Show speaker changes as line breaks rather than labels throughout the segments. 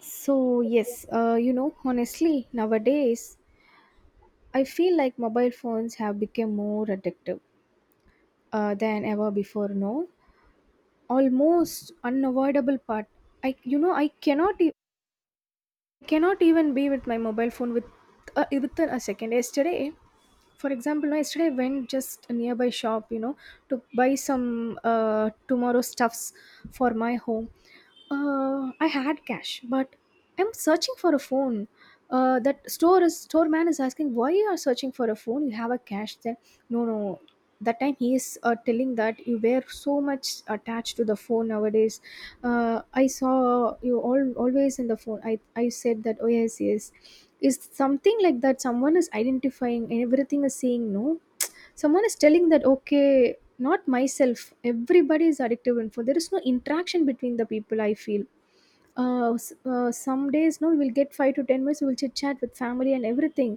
So, yes, honestly, nowadays, I feel like mobile phones have become more addictive than ever before. No, almost unavoidable part. I cannot, cannot even be with my mobile phone within a second. Yesterday, for example, no, yesterday I went just a nearby shop, to buy some tomorrow stuffs for my home. I had cash, but I'm searching for a phone. That store man is asking, why you are searching for a phone? You have a cash there. No, no. That time he is telling that you were so much attached to the phone nowadays. I saw you all always in the phone. I said that. Oh yes, yes. Is something like that? Someone is identifying and everything, is saying no, someone is telling that okay, not myself, everybody is addictive, info there is no interaction between the people, I feel. Some days, no, we will get 5 to 10 minutes, we will chit chat with family and everything.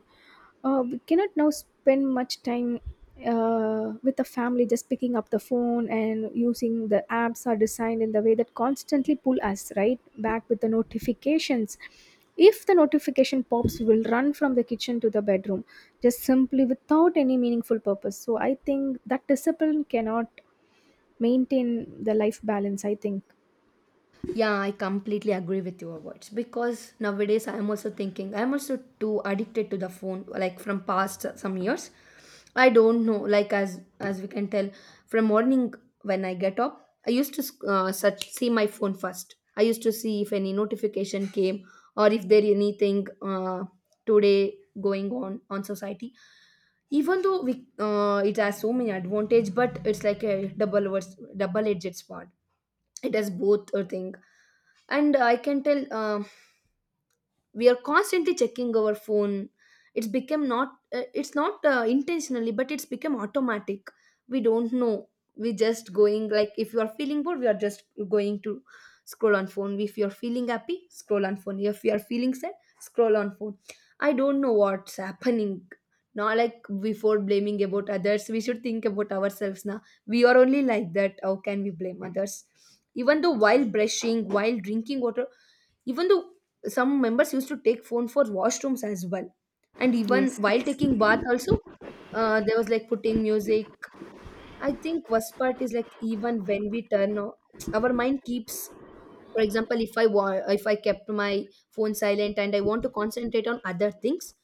We cannot now spend much time with the family, just picking up the phone, and using the apps are designed in the way that constantly pull us right back with the notifications. If the notification pops, we will run from the kitchen to the bedroom, just simply without any meaningful purpose. So I think that discipline cannot maintain the life balance, I think.
Yeah, I completely agree with your words because nowadays I'm also thinking I'm also too addicted to the phone like from past some years. I don't know, like as we can tell from morning when I get up I used to such see my phone first. I used to see if any notification came or if there anything today going on society. Even though we it has so many advantage, but it's like a double edged sword, it has both I think. And I can tell, we are constantly checking our phone, it's become not it's not intentionally, but it's become automatic. We don't know, we just going like if you are feeling bored we are just going to scroll on phone, if you are feeling happy scroll on phone, if you are feeling sad scroll on phone. I don't know what's happening now. Like, before blaming about others, we should think about ourselves now. We are only like that, how can we blame others? Even though while brushing, while drinking water, even though some members used to take phone for washrooms as well, and even
Yes.
while taking bath also, there was like putting music. I think worst part is like even when we turn off, our mind keeps. For example, if I kept my phone silent and I want to concentrate on other things,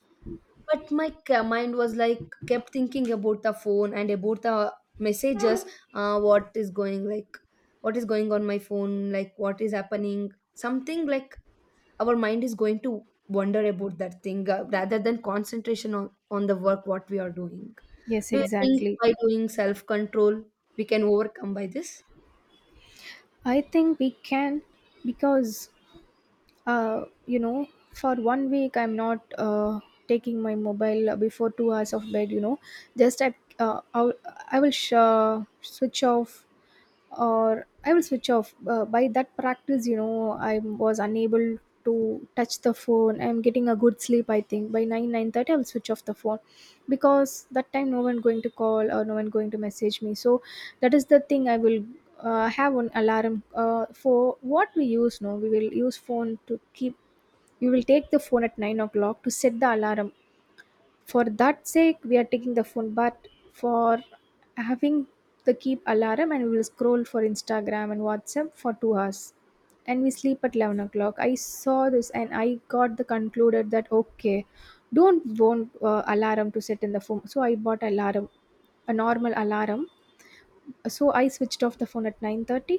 but my mind was like kept thinking about the phone and about the messages. What is going like, what is going on my phone, like what is happening, something like our mind is going to wonder about that thing rather than concentration on the work what we are doing.
Yes,
Do you think
exactly.
by doing self control we can overcome by this?
I think we can, because uh, you know for 1 week I'm not taking my mobile before 2 hours of bed. Just I uh, I'll, I will sh- switch off, or I will switch off. By that practice, I was unable to touch the phone. I'm getting a good sleep. I think by 9, 9:30, I will switch off the phone, because that time no one going to call or no one going to message me. So that is the thing. I will have an alarm for what we use. No, we will use phone to keep. We will take the phone at 9 o'clock to set the alarm. For that sake we are taking the phone, but for having the keep alarm, and we will scroll for Instagram and WhatsApp for 2 hours, and we sleep at 11 o'clock. I saw this and I got the concluded that okay, don't want alarm to set in the phone. So I bought alarm, a normal alarm. So I switched off the phone at 9:30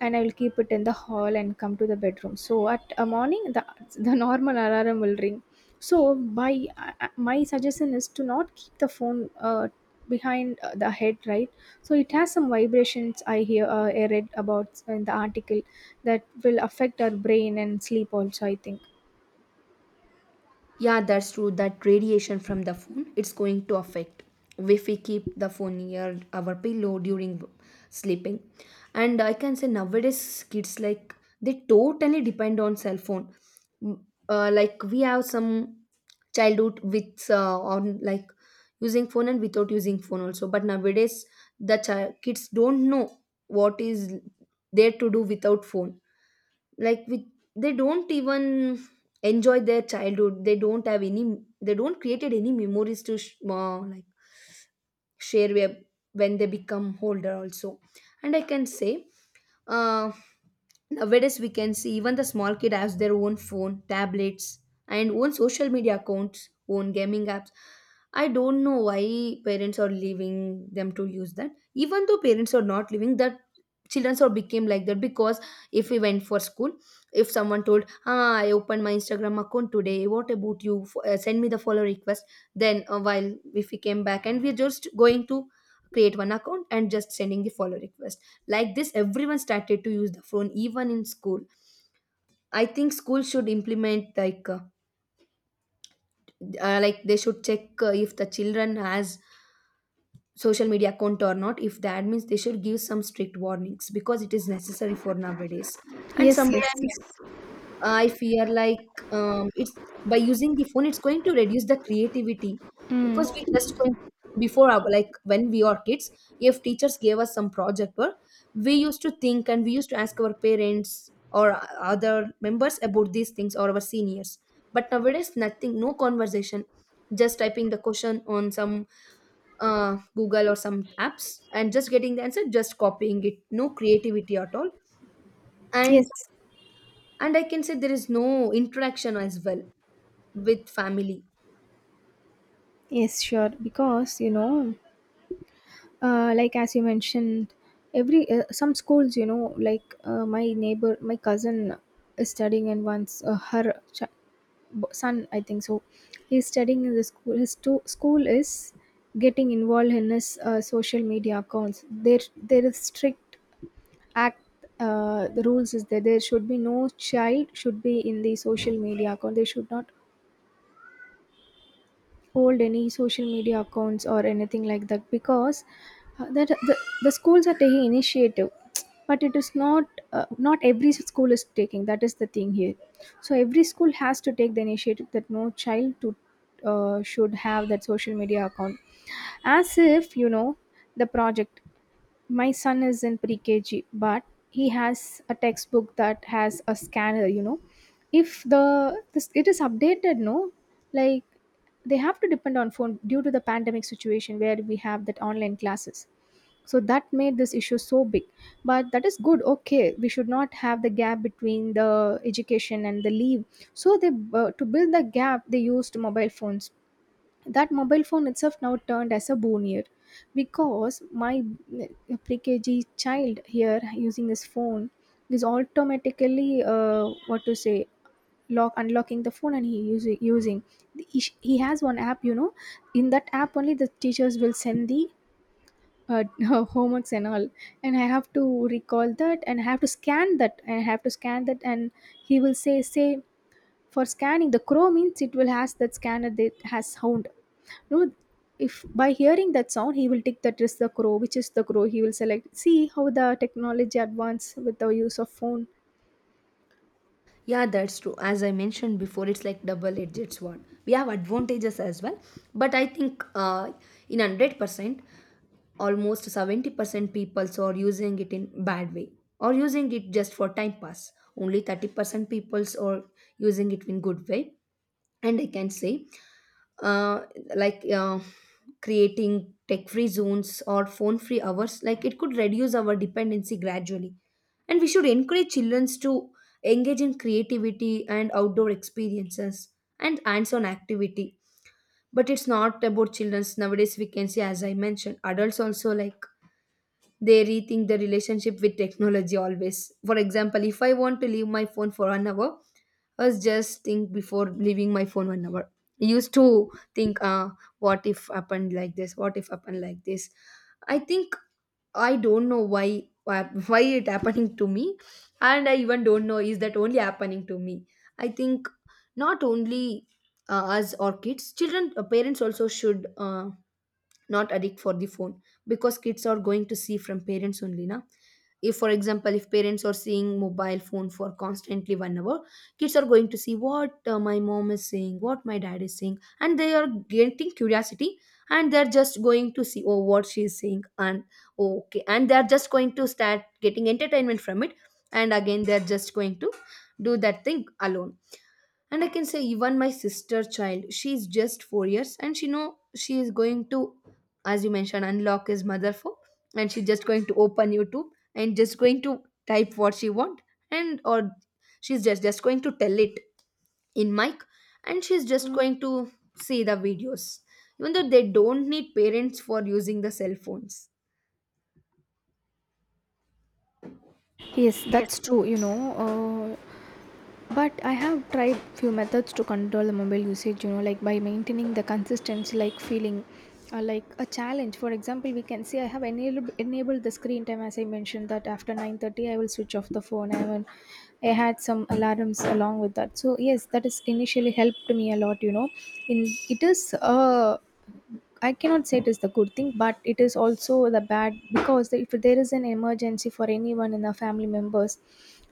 and I will keep it in the hall and come to the bedroom. So at a morning the normal alarm will ring. So by my suggestion is to not keep the phone behind the head, right? So it has some vibrations, I hear, I read about in the article that will affect our brain and sleep also, I think.
Yeah, that's true. That radiation from the phone, it's going to affect if we keep the phone near our pillow during sleeping. And I can say nowadays kids like they totally depend on cell phone. Mm. Like we have some childhood with on like using phone and without using phone also. But nowadays the child, kids don't know what is there to do without phone, like with, they don't even enjoy their childhood, they don't have any, they don't created any memories to like share where, when they become older also. And I can say, uh, nowadays, we can see even the small kid has their own phone, tablets, and own social media accounts, own gaming apps. I don't know why parents are leaving them to use that. Even though parents are not leaving, that children are became like that because if we went for school, if someone told, "Ah, I opened my Instagram account today. What about you? Send me the follow request." Then, while if we came back and we're just going to create one account and just sending the follow request, like this everyone started to use the phone even in school. I think school should implement, like they should check if the children has social media account or not. If the admins, they should give some strict warnings because it is necessary for nowadays. And
Yes, yes.
sometimes I fear like, it's by using the phone, it's going to reduce the creativity, because we
Mm.
just going to, before our, like when we are kids, if teachers gave us some project work, we used to think and we used to ask our parents or other members about these things or our seniors. But nowadays, nothing, no conversation, just typing the question on some Google or some apps and just getting the answer, just copying it, no creativity at all. And
Yes,
and I can say there is no interaction as well with family.
yes, sure. because you know Like as you mentioned, every some schools, like my neighbor, my cousin is studying in once her son, I think so. He's studying in the school. His school is getting involved in his social media accounts. There is strict act. The rules is that there should be no child should be in the social media account. They should not hold any social media accounts or anything like that, because that the schools are taking initiative, but it is not, not every school is taking, that is the thing here. So every school has to take the initiative that no child to should have that social media account. As if you know, the project, my son is in pre KG, but he has a textbook that has a scanner, If the this, it is updated, no, like, they have to depend on phone due to the pandemic situation where we have that online classes. So that made this issue so big. But that is good. Okay, we should not have the gap between the education and the leave. So they, to build the gap, they used mobile phones, that mobile phone itself now turned as a bonier, because my pre-kg child here using his phone is automatically, what to say, lock unlocking the phone, and he using using he has one app. In that app only, the teachers will send the homeworks and all, and I have to recall that, and I have to scan that, and I have to scan that. And he will say, for scanning the crow means, it will has that scanner that has sound, no, if by hearing that sound he will take that is the crow, which is the crow he will select. See how the technology advance with the use of phone.
Yeah, that's true. As I mentioned before, it's like double edged sword, we have advantages as well. But I think, in 100%, almost 70% people are using it in bad way or using it just for time pass, only 30% people are using it in good way. And I can say, uh, like uh, creating tech free zones or phone free hours, like it could reduce our dependency gradually, and we should encourage children to engage in creativity and outdoor experiences and hands on activity. But it's not about children's, nowadays we can see as I mentioned adults also like they rethink the relationship with technology always. For example, if I want to leave my phone for 1 hour, I was just think before leaving my phone 1 hour. I used to think, what if happened like this? What if happened like this? I think, I don't know why it happening to me, and I even don't know is that only happening to me. I think not only us or kids, children, parents also should. Not addict for the phone, because kids are going to see from parents only now. If, for example, if parents are seeing mobile phone for constantly 1 hour, kids are going to see what my mom is saying, what my dad is saying, and they are getting curiosity. And they're just going to see, oh, what she is saying, and oh, okay, and they're just going to start getting entertainment from it. And again they're just going to do that thing alone. And I can say, even my sister child she's just 4 years and she know she is going to, as you mentioned, unlock his mother phone, and she's just going to open YouTube and just going to type what she want, and or she's just going to tell it in mic, and she's just Mm. going to see the videos, even though they don't need parents for using the cell phones.
Yes, that's true. But I have tried few methods to control the mobile usage, like by maintaining the consistency, like feeling, or like a challenge. For example, we can see I have enabled the screen time, as I mentioned that after 9:30 I will switch off the phone. I had some alarms along with that, so yes, that is initially helped me a lot, in it is I cannot say it is the good thing, but it is also the bad, because if there is an emergency for anyone in the family members,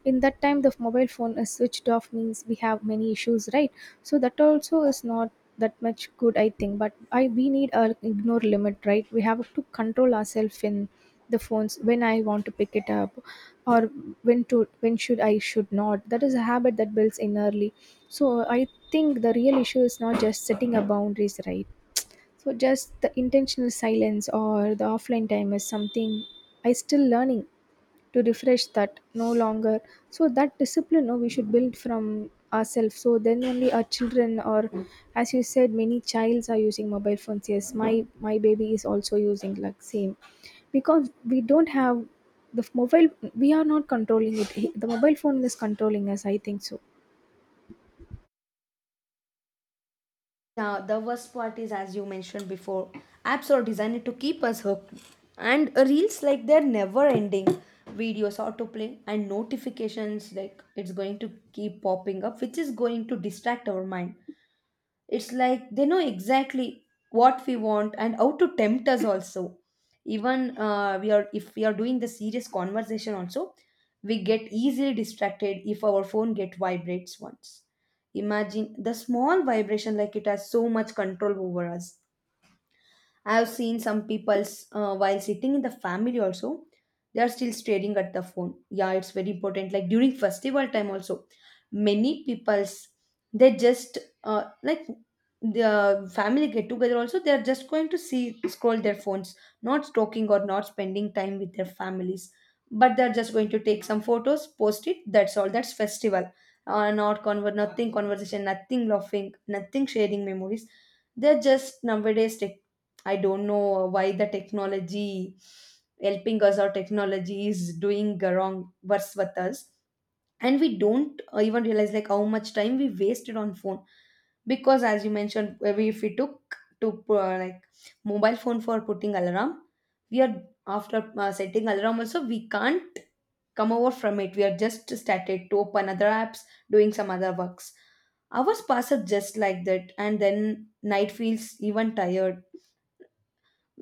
in that time the mobile phone is switched off means, we have many issues, right? So that also is not that much good, I think. But I we need a ignore limit, right? We have to control ourselves in the phones, when I want to pick it up, or when to, when should I should not, that is a habit that builds in early. So I think the real issue is not just setting a boundaries, right? So just the intentional silence or the offline time is something I still learning to refresh, that no longer. So that discipline, no, we should build from ourselves, so then only our children, or as you said, many childs are using mobile phones. Yes, my baby is also using like same, because we don't have the mobile, we are not controlling it. The mobile phone is controlling us, I think so.
Now, the worst part is, as you mentioned before, apps are designed to keep us hooked. And reels, like, they're never ending. Videos autoplay and notifications, like, it's going to keep popping up, which is going to distract our mind. It's like they know exactly what we want and how to tempt us also. Even we are, if we are doing the serious conversation also, we get easily distracted if our phone get vibrates once. Imagine the small vibration, like it has so much control over us. I have seen some people's while sitting in the family also, they are still staring at the phone. Yeah, it's very important. Like during festival time also, many people's, they just uh, like the family get together also, they are just going to see scroll their phones, not talking or not spending time with their families. But they're just going to take some photos, post it. That's all. That's festival. Nothing conversation, nothing laughing, nothing sharing memories, they're just nowadays, I don't know why the technology helping us or technology is doing wrong worse with us. And we don't even realize like how much time we wasted on phone because, as you mentioned, if we took to like mobile phone for putting alarm, we are after setting alarm also we can't come over from it. We are just started to open other apps, doing some other works, hours pass up just like that, and then night feels even tired.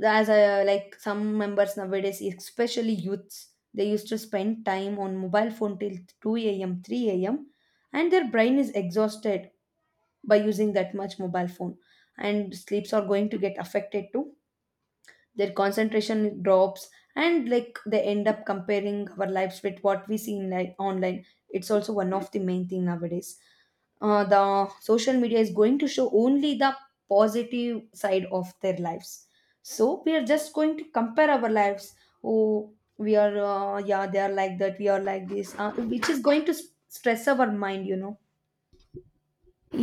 As a, like some members nowadays, especially youths, they used to spend time on mobile phone till 2 a.m., 3 a.m., and their brain is exhausted by using that much mobile phone, and sleeps are going to get affected too, their concentration drops. And like they end up comparing our lives with what we see in like online, it's also one of the main thing nowadays. The social media is going to show only the positive side of their lives, so we are just going to compare our lives, oh we are yeah they are like that, we are like this, which is going to stress our mind, you know.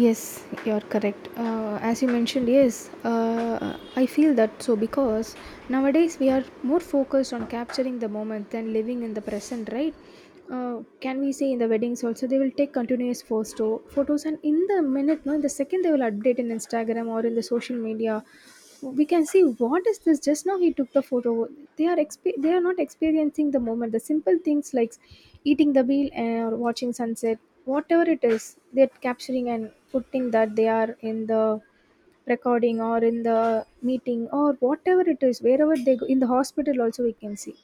Yes, you're correct. As you mentioned, yes, I feel that so, because nowadays we are more focused on capturing the moment than living in the present, right? Can we say, in the weddings also they will take continuous photos, and in the minute, no, in the second they will update in Instagram or in the social media, we can see, what is this, just now he took the photo, they are they are not experiencing the moment. The simple things, like eating the meal, or watching sunset, whatever it is, they're capturing and putting that they are in the recording, or in the meeting, or whatever it is, wherever they go, in the hospital also we can see,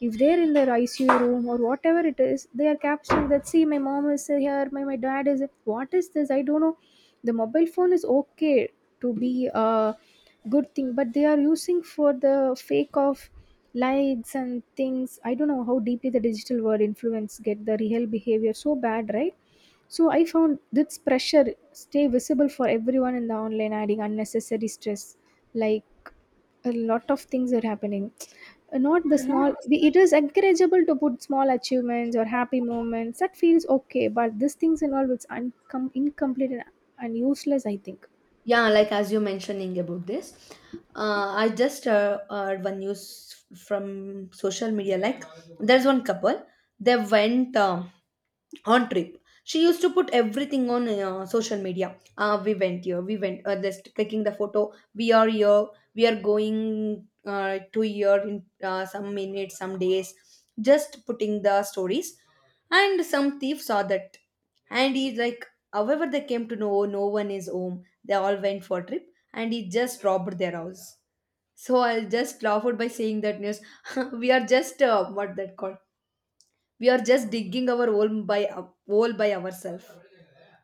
if they're in their ICU room or whatever it is, they are capturing that. See, my mom is here, my dad is. What is this? I don't know. The mobile phone is okay to be a good thing, but they are using for the fake of likes and things. I don't know how deeply the digital world influence get the real behavior so bad, right? So I found this pressure stay visible for everyone in the online, adding unnecessary stress, like, a lot of things are happening. Not the small it is encourageable to put small achievements or happy moments. That feels okay, but these things and all, it's incomplete, and useless, I think.
Yeah, like as you mentioning about this, I just heard one news from social media like there's one couple, they went, on trip she used to put everything on social media, we went here, we went just clicking the photo, we are here, we are going to here in some minutes, some days, just putting the stories. And some thief saw that, and he's like, however, they came to know, "Oh, no one is home. They all went for a trip," and he just robbed their house. So I just laughed by saying that news. We are just what that called, we are just digging our hole by hole by ourselves.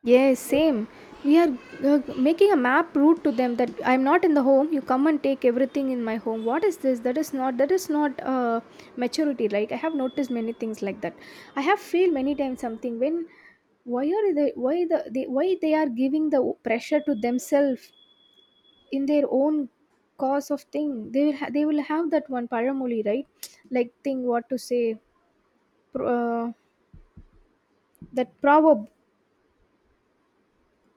Yes, same. We are making a map route to them that I'm not in the home. You come and take everything in my home. What is this? That is not. That is not maturity. Like, I have noticed many things like that. I have feel many times something when why they are giving the pressure to themselves in their own cause of thing they will have that one paramoli, right, like thing, what to say, pro- uh, that proverb,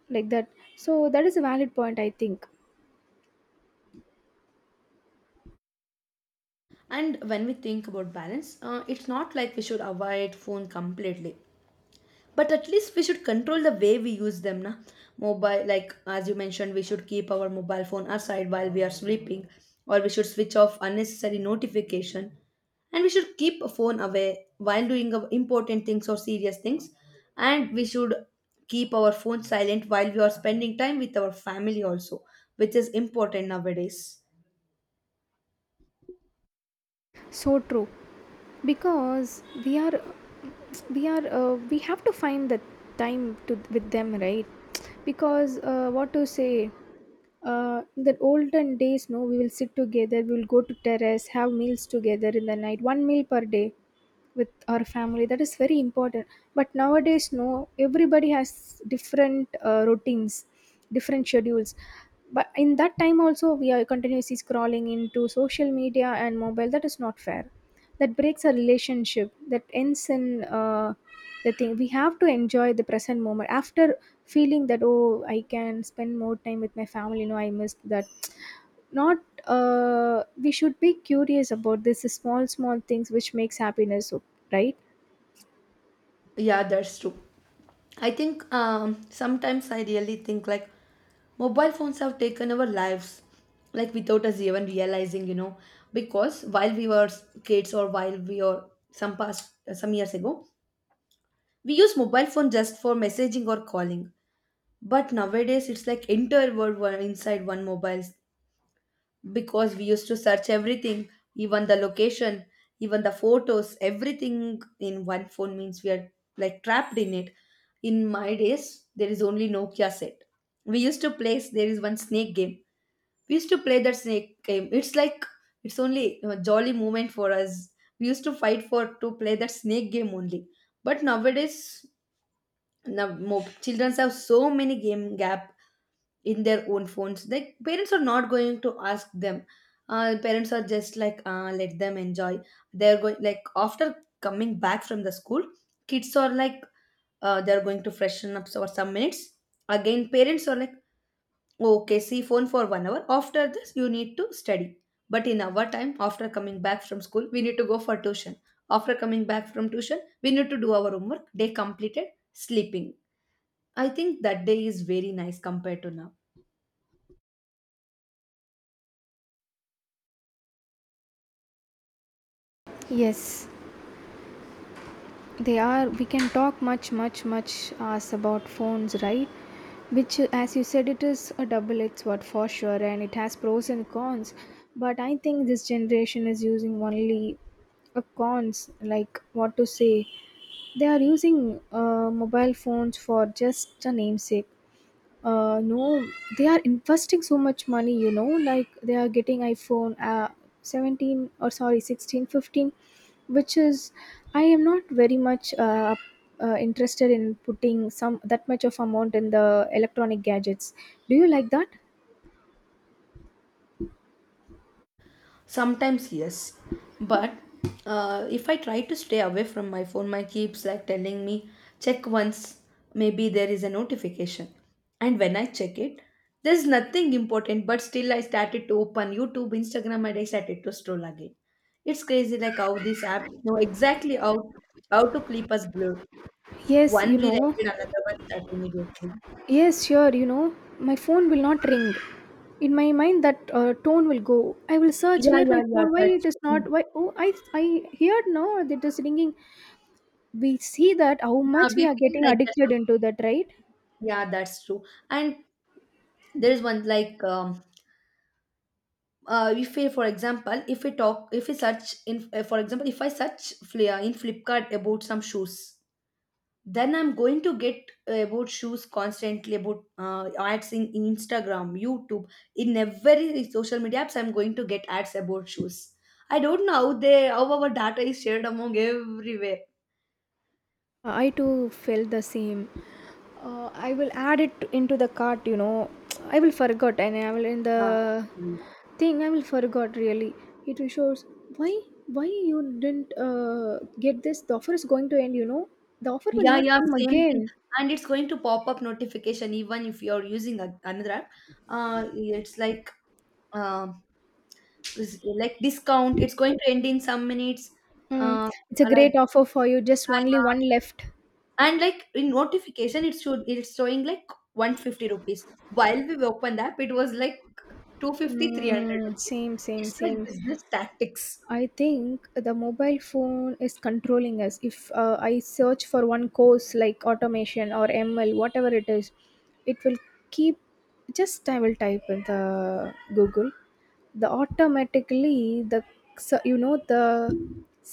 like that. So that is a valid point, I think.
And when we think about balance, it's not like we should avoid phone completely. But at least we should control the way we use them, na. Mobile, like as you mentioned, we should keep our mobile phone aside while we are sleeping, or we should switch off unnecessary notification, and we should keep a phone away while doing important things or serious things, and we should keep our phone silent while we are spending time with our family also, which is important nowadays.
So true, because we have to find the time to with them, right? Because what to say, in the olden days, no, we will sit together, we will go to terrace, have meals together in the night, one meal per day with our family. That is very important. But nowadays, no, everybody has different routines, different schedules. But in that time also we are continuously scrolling into social media and mobile. That is not fair. That breaks a relationship. That ends in the thing. We have to enjoy the present moment after feeling that, oh, I can spend more time with my family, you know, I missed that. Not we should be curious about this small small things which makes happiness. So right.
Yeah, that's true. I think, sometimes I really think like mobile phones have taken our lives, like without us even realizing, because while we were kids or while we were some past some years ago, we use mobile phone just for messaging or calling. But nowadays it's like entire world inside one mobile, because we used to search everything, even the location, even the photos, everything in one phone means we are like trapped in it. In my days, there is only Nokia set. We used to play, there is one snake game. We used to play that snake game. It's like, it's only a jolly moment for us. We used to fight for to play that snake game only. But nowadays, now, children have so many game gap in their own phones, like parents are not going to ask them. Parents are just like, let them enjoy. They're going like after coming back from the school, kids are like, they're going to freshen up for some minutes. Again parents are like, okay, see phone for 1 hour, after this you need to study. But in our time, after coming back from school, we need to go for tuition. After coming back from tuition, we need to do our homework, day completed, sleeping. I think that day is very nice compared to now.
Yes, they are. We can talk much, much, much as about phones, right? Which, as you said, it is a double-edged sword for sure, and it has pros and cons. But I think this generation is using only a cons. Like what to say? They are using mobile phones for just a namesake. No, they are investing so much money, you know, like they are getting iPhone 17, or sorry, 16, 15, which is, I am not very much interested in putting some that much of amount in the electronic gadgets. Do you like that?
Sometimes, yes. But if I try to stay away from my phone, my keeps like telling me, check once, maybe there is a notification. And when I check it, there's nothing important, but still I started to open YouTube, Instagram, and I started to scroll again. It's crazy, like how this app know exactly how to keep us glued.
Yes,
One
you
reel
know.
ended, another one start immediately.
Yes, sure, you know, my phone will not ring. In my mind, that tone will go. I will search
Yeah,
where
yeah,
my
yeah,
phone. Why
that's
it is
true.
not? Why? Oh, I heard now that it is ringing. We see that how
Yeah,
much we
we
are
feel
getting
like that,
addicted into
sometimes.
that, right?
Yeah, that's true. And there's one like, if we, for example, if we talk, if we search for example, if I search Flia in Flipkart about some shoes, then I'm going to get about shoes constantly about ads in Instagram, YouTube, in every social media apps. I'm going to get ads about shoes. I don't know how our data is shared among everywhere.
I too felt the same. I will add it into the cart, you know. I will forgot, and I will in
Uh,
the thing. I will forgot really. It will shows, why why you didn't get this. The offer is going to end, you know. The offer will
yeah,
not
yeah,
come
same thing.
again.
And it's going to pop up notification even if you're using another app. It's like, um like discount it's going to end in some minutes
Mm,
uh
it's a
like
great offer for you. Just only one
yeah,
left.
yeah. And like in notification it's showing like 150 rupees, while we open the app it was like two hundred fifty 300
Mm,
rupees.
same, same,
It's like
same.
business tactics.
I think the mobile phone is controlling us. If I search for one course like automation or ML, whatever it is, it will keep, just I will type in the Google, the automatically the, so you know, the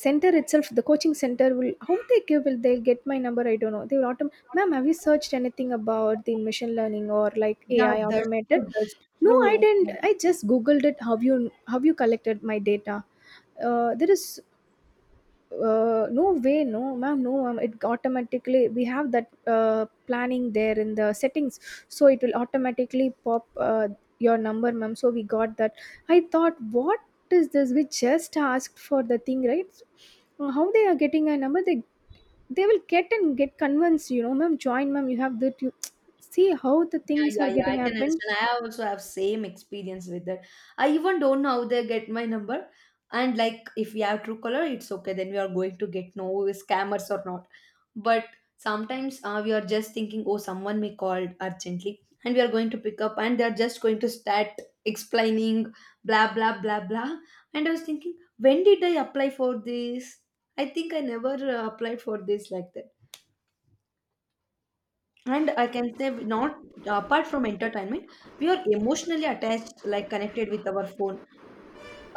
center itself, the coaching center will, how they give, will they get my number, I don't know. Ma'am, have you searched anything about the machine learning or like AI automated? No, I didn't, I just googled it. Have you, have you collected my data? There is, no way, no ma'am, no ma'am. It automatically, we have that planning there in the settings, so it will automatically pop your number, ma'am, so we got that. I thought, what is this? We just asked for the thing, right? How they are getting a number? They will get and get convinced, you know, ma'am, join, ma'am, you have that. You see how the
Yeah,
things are
yeah, yeah.
getting
I can
happened.
understand. I also have same experience with that. I even don't know how they get my number. And like, if we have true color, it's okay. Then we are going to get no scammers or not. But sometimes we are just thinking, oh, someone may call urgently, and we are going to pick up, and they are just going to start explaining, blah blah blah blah. And I was thinking, when did I apply for this? I think I never applied for this like that. And I can say we not. Apart from entertainment we are emotionally attached, like connected with our phone.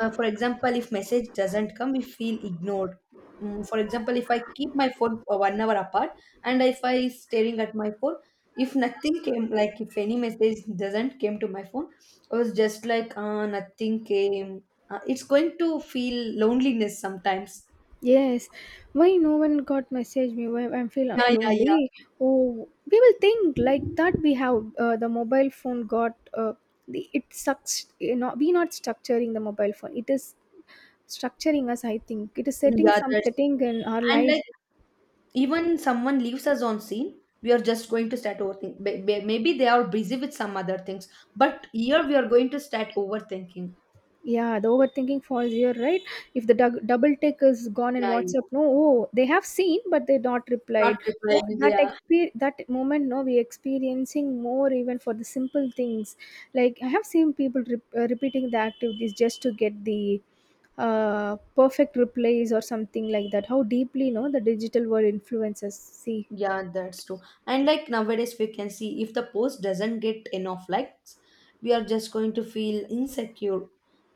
For example, if message doesn't come we feel ignored. Mm, for example if I keep my phone for 1 hour apart, and if I staring at my phone, if nothing came, like if any message doesn't came to my phone, I was just like, nothing came. It's going to feel loneliness sometimes.
Yes. Why no one got message me? Why I'm feel
Yeah, yeah, yeah.
lonely? Oh, we will think like that. We have the mobile phone got the, it sucks. You know, we not structuring the mobile phone. It is structuring us. I think it is setting
Yeah,
some
that's
setting
true.
in our
And
life.
like even someone leaves us on scene, we are just going to start overthinking. Maybe they are busy with some other things, but here we are going to start overthinking.
Yeah, the overthinking falls here, right? If the double tick is gone in
Yeah, yeah.
WhatsApp, no, oh, they have seen, but they not
Not
replied.
replying, yeah.
That moment, no, we experiencing more even for the simple things. Like I have seen people repeating the activities just to get the perfect replies or something like that. How deeply, no, the digital world influences. See,
Yeah, that's true. And like nowadays we can see if the post doesn't get enough likes, we are just going to feel insecure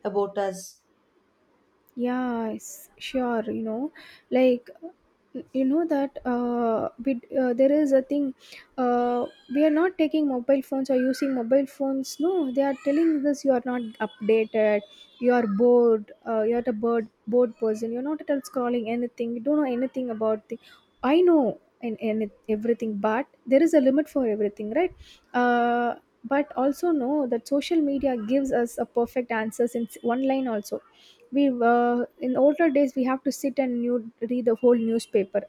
about us.
yeah, sure. You know, like, you know that bit, there is a thing. Uh, we are not taking mobile phones or using mobile phones. No, they are telling us you are not updated. You are bored. You are the bored person. You're not at all scrolling anything. You don't know anything about the. I know, and everything, but there is a limit for everything, right? Uh, but also know that social media gives us a perfect answers in one line also. We in older days we have to sit and new, read the whole newspaper,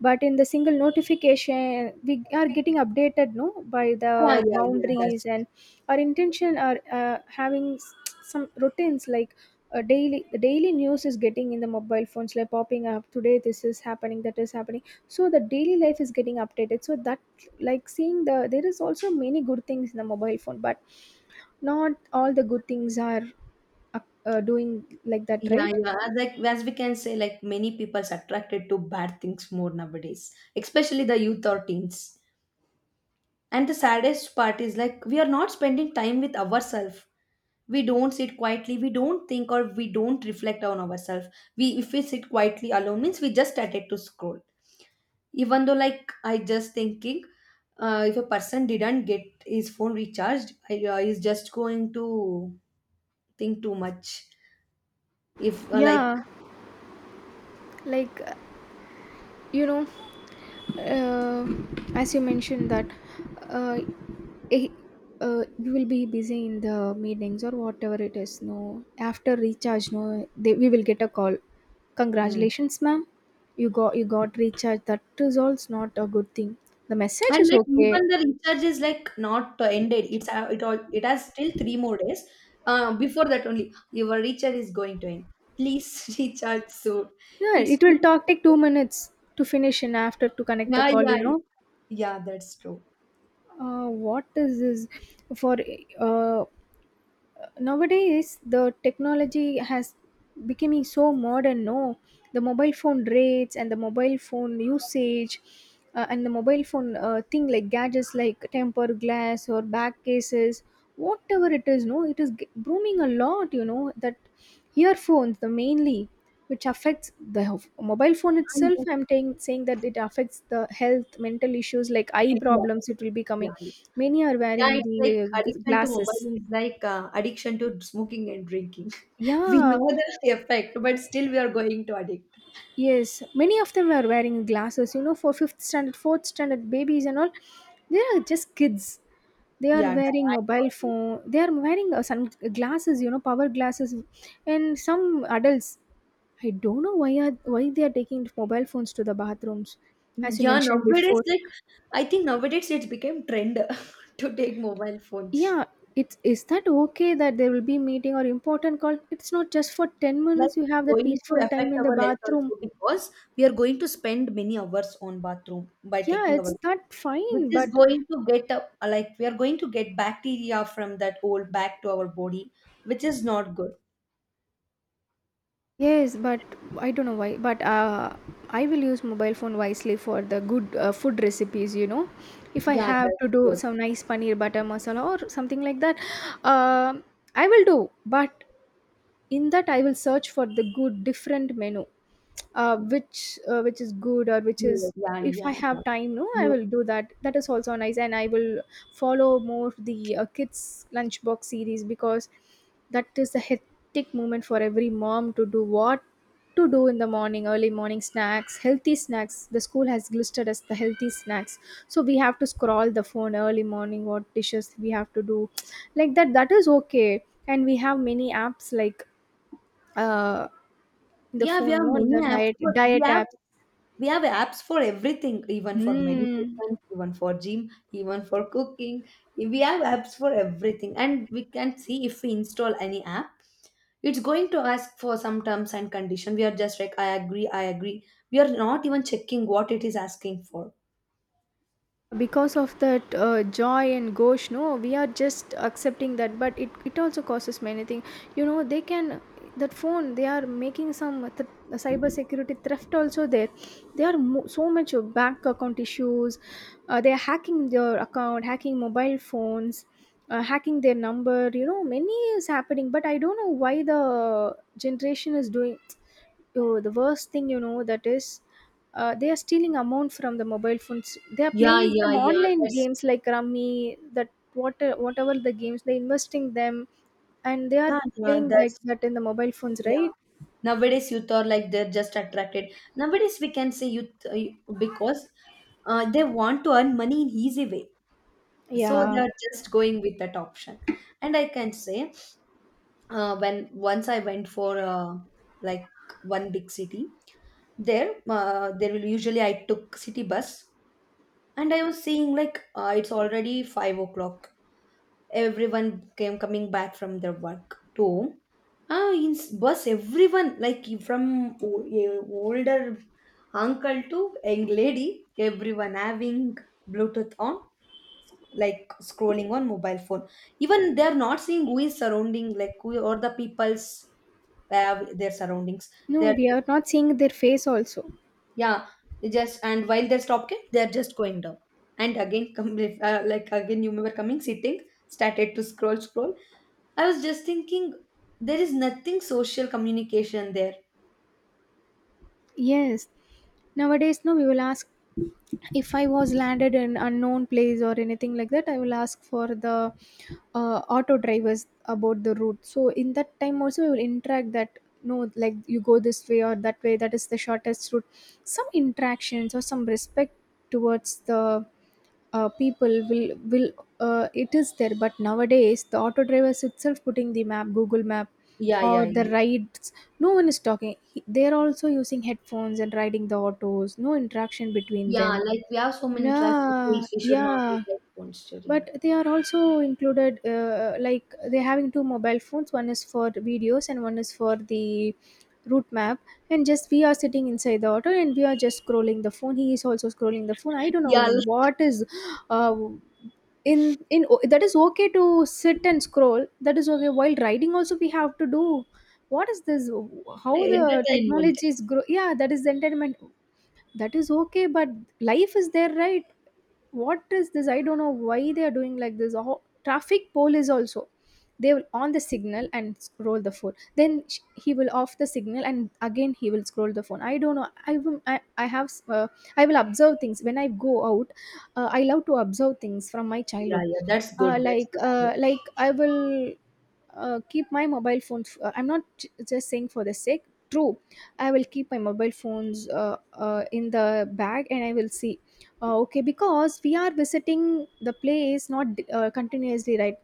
but in the single notification we are getting updated, no, by the
Yeah, yeah, yeah, that's
boundaries. And our intention are having some routines, like a daily, the daily news is getting in the mobile phones, like popping up, today this is happening, that is happening, so the daily life is getting updated. So that, like seeing the, there is also many good things in the mobile phone, but not all the good things are doing like that,
yeah,
right?
yeah, like as we can say, like many people's attracted to bad things more nowadays, especially the youth or teens. And the saddest part is like we are not spending time with ourselves. We don't sit quietly, we don't think or we don't reflect on ourselves. We If we sit quietly alone means we just started to scroll. Even though like I just thinking if a person didn't get his phone recharged, he's just going to think too much. If like
Yeah. Like, uh, you know, uh, as you mentioned that uh, eh, you will be busy in the meetings or whatever it is. No, after recharge, no, they, we will get a call.
Hmm.
Congratulations, ma'am. You got recharge. That results not a good thing. The message
And
is
like
okay.
even the recharge is like not ended. It's it has still 3 more days. Before that only your recharge is going to end. Please recharge soon.
Yeah,
It's
it will talk take 2 minutes to finish and after to connect the
Yeah,
call. You
yeah,
know,
yeah, that's true.
what is this for? uh, Nowadays, the technology has becoming so modern, no, the mobile phone rates and the mobile phone usage and the mobile phone thing like gadgets, like tempered glass or back cases, whatever it is, no, it is booming a lot, you know that. Earphones the mainly, which affects the mobile phone
And
itself. I'm saying that it affects the health, mental issues like eye
yeah,
problems it will be
yeah,
coming.
yeah.
Many are
Yeah,
wearing
it's
the
like addiction to
glasses.
mobile is like addiction to smoking and drinking. We
Yeah.
know the effect, but still we are going to addict.
Yes, many of them are wearing glasses, you know, for fifth standard, fourth standard babies and all. They are just kids. They are
Yeah,
wearing
I
mobile
got it.
phone. They are wearing sun glasses, you know, power glasses, and some adults. I don't know why are why they are taking mobile phones to the bathrooms, as you
Yeah,
mentioned
nowadays,
before.
like I think nowadays it became trend to take mobile phones.
Yeah, it's, is that okay, that there will be meeting or important call? It's not just for ten
Like
minutes. You have
it's
that
going to
peaceful
affect
time in the
our health
bathroom.
also because we are going to spend many hours on bathroom by
Yeah,
taking our,
it's not
which
fine,
is
but,
going to get up, like we are going to get bacteria from that old back to our body, which is not good.
yes, but I don't know why, but I will use mobile phone wisely for the good food recipes, you know. If I
Yeah,
have
that's
to do
good.
some nice paneer butter masala or something like that, um, I will do. But in that I will search for the good different menu, which is good or which
Yeah,
is,
yeah,
if I
yeah, yeah.
have time, no, I
You,
will do that. That is also nice. And I will follow more the kids lunchbox series, because that is the hectic moment for every mom to do, what to do in the morning, early morning snacks, healthy snacks, the school has listed as the healthy snacks, so we have to scroll the phone early morning what dishes we have to do, like that. That is okay. And we have many apps like uh, the
yeah, we
phone,
have
no, the
many apps.
diet
But
diet apps.
we have apps for everything, even for
Mm.
meditation, even for gym, even for cooking. We have apps for everything, and we can see if we install any app, it's going to ask for some terms and condition. We are just like, I agree, I agree. We are not even checking what it is asking for.
Because of that joy and gosh, no, we are just accepting that, but it also causes many things. You know, they can, that phone, they are making some cyber security theft also there. So much of bank account issues. They are hacking your account, hacking mobile phones. Hacking their number, you know, many is happening, but I don't know why the generation is doing. Oh, the worst thing, you know, that is, they are stealing amount from the mobile phones. They are
Yeah,
playing
yeah,
some
yeah.
online
That's
games like Rummy, that what, whatever the games, they investing them, and they are
Yeah, yeah,
playing like
that's
that in the mobile phones,
yeah.
right?
Nowadays, youth are like they're just attracted. Nowadays, we can say youth because they want to earn money in easy way. So
Yeah.
they are just going with that option. And I can say when once I went for like one big city. There there will usually I took city bus. And I was seeing like it's already 5 o'clock. Everyone came coming back from their work to home. In bus, everyone like from o- a older uncle to young lady, everyone having bluetooth on, like scrolling on mobile phone, even they are not seeing who is surrounding, like who or the people's their surroundings.
No,
They're
we
just,
are not seeing their face also.
yeah, they just and while they're stopping they're just going down, and again come, if, like again you were coming sitting, started to scroll scroll. I was just thinking there is nothing social communication there.
Yes. Nowadays, no, we will ask, if I was landed in unknown place or anything like that, I will ask for the auto drivers about the route. So in that time also, we will interact that, no, like you go this way or that way. That is the shortest route. Some interactions or some respect towards the people will, it is there. But nowadays, the auto drivers itself putting the map, Google map
Yeah,
or
yeah,
the
yeah,
rides, no one is talking. They're also using headphones and riding the autos. No interaction between
yeah.
them.
Like we have so many traffic
Yeah,
rules, we should not use
yeah.
our phones during.
But they are also included, like they're having two mobile phones. One is for the videos and one is for the route map. And just we are sitting inside the auto and we are just scrolling the phone. He is also scrolling the phone. I don't know
Yeah, like,
what is, uh, in that is okay to sit and scroll. That is okay while riding also, we have to do. What is this? How the
entertainment.
technology is grow? Yeah, that is the entertainment. That is okay, but life is there, right? What is this? I don't know why they are doing like this. Oh, traffic police also, they will on the signal and scroll the phone, then he will off the signal and again he will scroll the phone. I don't know. I have I will observe things when I go out. I love to observe things from my
Yeah,
childhood.
yeah, that's good. That's good habit.
Like I will keep my mobile phones. I'm not just saying for the sake, true. I will keep my mobile phones in the bag and I will see. Okay, because we are visiting the place, not continuously, right?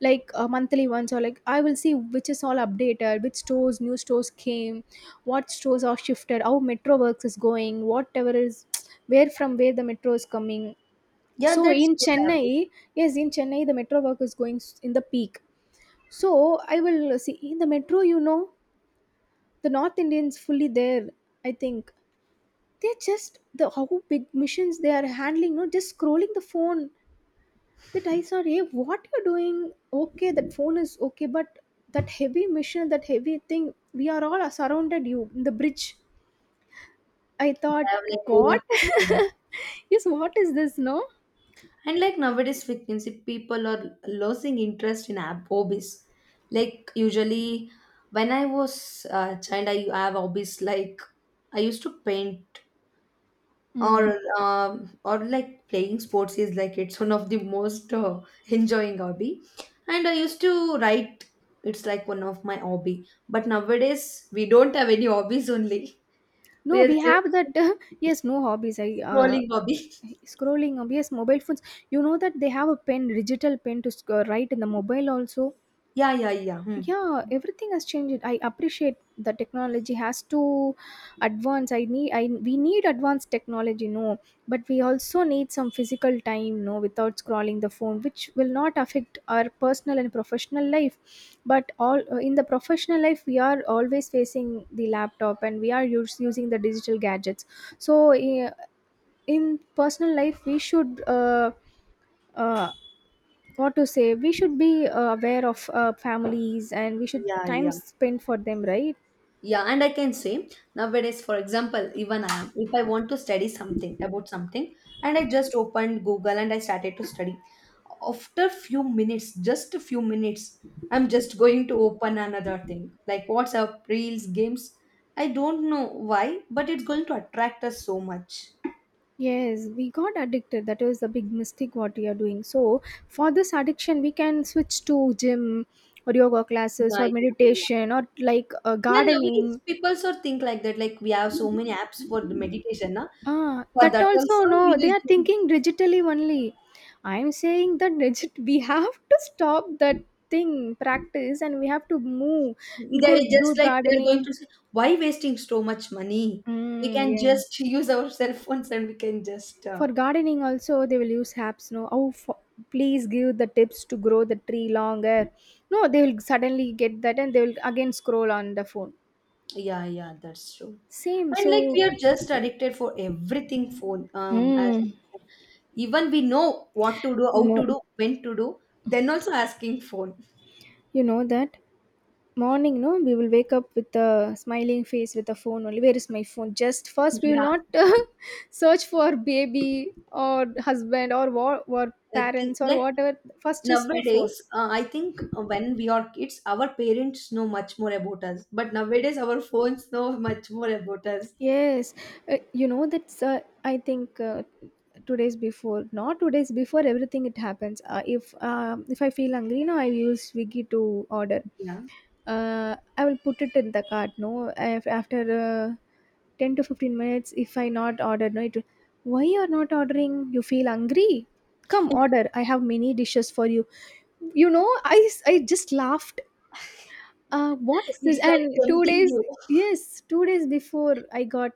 monthly once, or like I will see which is all updated, which stores, new stores came, what stores are shifted, how metro works is going, whatever is where, from where the metro is coming.
Yeah,
So
that's
in
good
Chennai,
habit.
yes, in Chennai the metro work is going in the peak. So I will see in the metro, the North Indians fully there. I think they're just the, how big missions they are handling. No, just scrolling the phone. That I saw, hey, what you're doing? Okay, that phone is okay, but that heavy mission, that heavy thing, we are all surrounded you in the bridge. I
To
thought,
have, like, over
what?
consuming.
Yes, what is this? No.
And like nowadays, we can see people are losing interest in hobbies. Like usually, when I was a child, I have hobbies like I used to paint,
Hmm.
or or like playing sports is like it's one of the most enjoying hobby. And I used to write. It's like one of my hobby. But nowadays, we don't have any hobbies only. We
No,
are
we have that.
just
Yes, no hobbies. I
trolling hobby.
scrolling. Yes, mobile phones. You know that they have a pen, digital pen to write in the mobile also.
Yeah, yeah, yeah. Hmm.
Yeah, everything has changed. I appreciate the technology has to advance. I need, I, we need advanced technology, no? But we also need some physical time, no, without scrolling the phone, which will not affect our personal and professional life. But all, in the professional life we are always facing the laptop and we are using the digital gadgets. So in personal life we should, uh, what to say, we should be aware of families and we should
Yeah,
time
yeah.
spent for them, right?
Yeah, and I can say nowadays, for example, even I am, if I want to study something about something, and I just opened Google and I started to study. After few minutes, just a few minutes, I'm just going to open another thing like WhatsApp, Reels, games. I don't know why, but it's going to attract us so much.
Yes, we got addicted. That was the big mistake what we are doing. So for this addiction we can switch to gym or yoga classes
Yeah,
or
yeah, yeah.
meditation or
Yeah, nowadays
gardening.
people sort of think like that. Like we have so many apps for the meditation, na?
Ah,
For
that
that
also,
also
no,
we
they are
use.
thinking digitally only. I'm saying that digit, we have to stop that thing, practice, and we have to move, go
They
do
just like they're going
gardening.
to say, "Why wasting so much money? We
Mm,
can
yeah.
just use our cell phones and we can just."
For gardening also they will use apps. No, oh, for, please give the tips to grow the tree longer. No, they will suddenly get that and they will again scroll on the phone.
Yeah, yeah, that's true.
Same.
And like
So,
we are just addicted for everything phone. As
mm,
even we know what to do, how to
no,
do, when to do, then also asking phone.
you know that morning, no, we will wake up with a smiling face with a phone only. Where is my phone? Just first we will
Yeah,
not search for baby or husband or war or parents or
like
whatever. First is my phone.
nowadays, I think when we are kids, our parents know much more about us, but nowadays our phones know much more about us.
Yes, you know that's. I think 2 days before, not 2 days before, everything it happens. If I feel hungry, no, I use Swiggy to order.
Yeah.
I will put it in the cart. No, if after 10 to 15 minutes, if I not order, no, it. Will, why you are not ordering? You feel hungry? Come order. I have many dishes for you. You know, I just laughed. What is this?
It's like
And two
tempting
days.
you.
Yes, 2 days before I got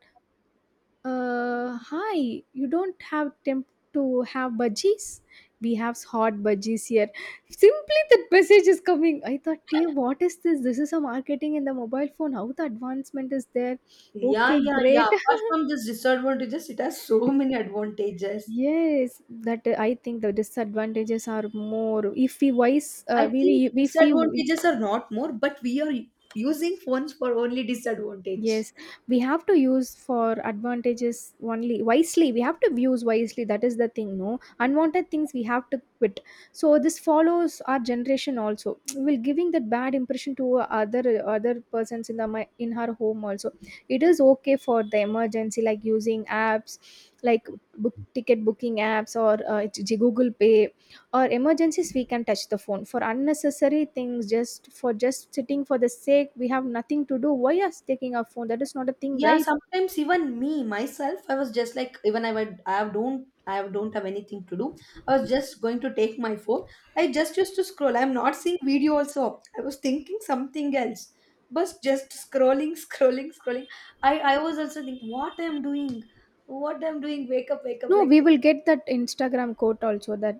hi, you don't have temp to have budgies? We have hot budgies here. Simply that message is coming. I thought, hey, what is this? This is a marketing in the mobile phone. How the advancement is there?
Yeah,
Okay,
yeah, yeah.
great.
Apart from this disadvantages, it has so many advantages.
Yes, that I think the disadvantages are more. If we wise,
I think
we if we.
disadvantages are not more, but we are using phones for only disadvantage.
Yes, we have to use for advantages only wisely. We have to use wisely. That is the thing, no? Unwanted things we have to quit. So this follows our generation also. We're giving that bad impression to other persons in the in her home also. It is okay for the emergency, like using apps, like book ticket booking apps or it's Google Pay or emergencies. We can touch the phone for unnecessary things, just for just sitting for the sake we have nothing to do, why us taking our phone? That is not a thing,
Yeah,
right?
sometimes even me myself, I was just like, even I would, I don't have anything to do. I was just going to take my phone. I just used to scroll. I'm not seeing video also. I was thinking something else, but just scrolling, scrolling, scrolling. I was also thinking, what I'm doing, what I'm doing. Wake up,
No,
like
we
that.
will get that Instagram quote also that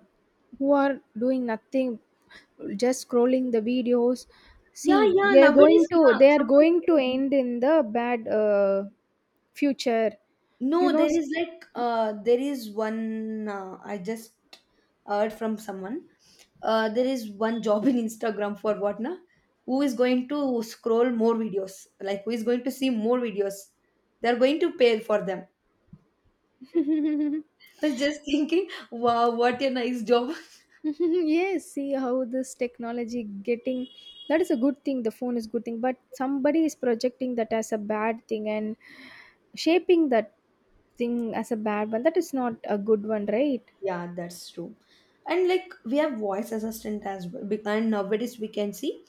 who are doing nothing, just scrolling the videos, see,
Yeah, yeah.
they are going
Nowadays,
to,
yeah.
they are
Someone
going to
told me.
end in the bad future, you
No,
know.
there is like there is one I just heard from someone. There is one job in Instagram for what, na? Who is going to scroll more videos? Like who is going to see more videos? They're going to pay for them. I was just thinking, wow, what a nice job.
Yes, see how this technology getting. That is a good thing, the phone is good thing, but somebody is projecting that as a bad thing and shaping that thing as a bad one. That is not a good one, right?
Yeah, that's true. And like we have voice assistant as well. And nowadays we can see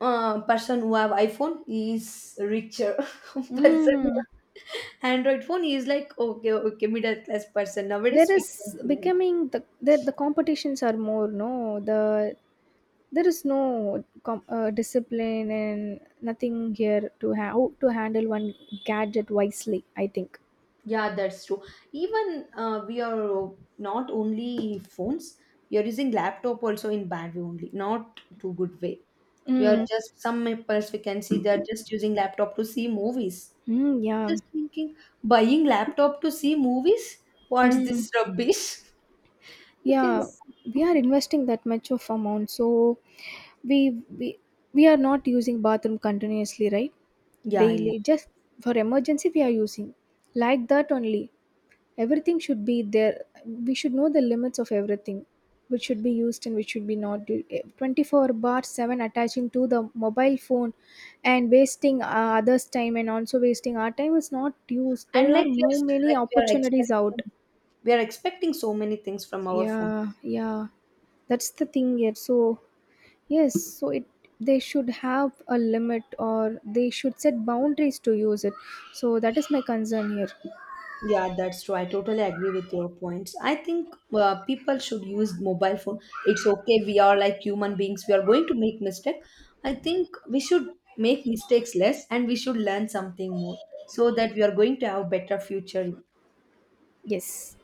person who have iPhone is richer. Person who
Mm.
have Android phone is like okay, okay, middle class person,
There
nowadays we
is
can be like that.
becoming the competitions are more, no, the, there is no discipline and nothing here to how to handle one gadget wisely, I think.
Yeah, that's true. Even we are not only phones, we are using laptop also in bad way only, not too good way. We are
Mm.
just, some peoples we can see they're just using laptop to see movies,
Mm, yeah.
just thinking, buying laptop to see movies, what's
Mm.
this rubbish. You can,
Yeah, we are investing that much of amount, so we we are not using bathroom continuously, right?
yeah, yeah.
Daily, just for emergency we are using. Like that only. Everything should be there. We should know the limits of everything, which should be used and which should be not. 24 bar 7 attaching to the mobile phone and wasting others' time and also wasting our time is not used.
And
There are
like we
no
are,
many
like
opportunities out.
we are expecting so many things from our phones.
Yeah, yeah, that's the thing here. So yes, so it, they should have a limit or they should set boundaries to use it. So that is my concern here.
Yeah, that's true. I totally agree with your points. I think people should use mobile phone. It's okay, we are like human beings, we are going to make mistake. I think we should make mistakes less and we should learn something more, so that we are going to have better future.
Yes.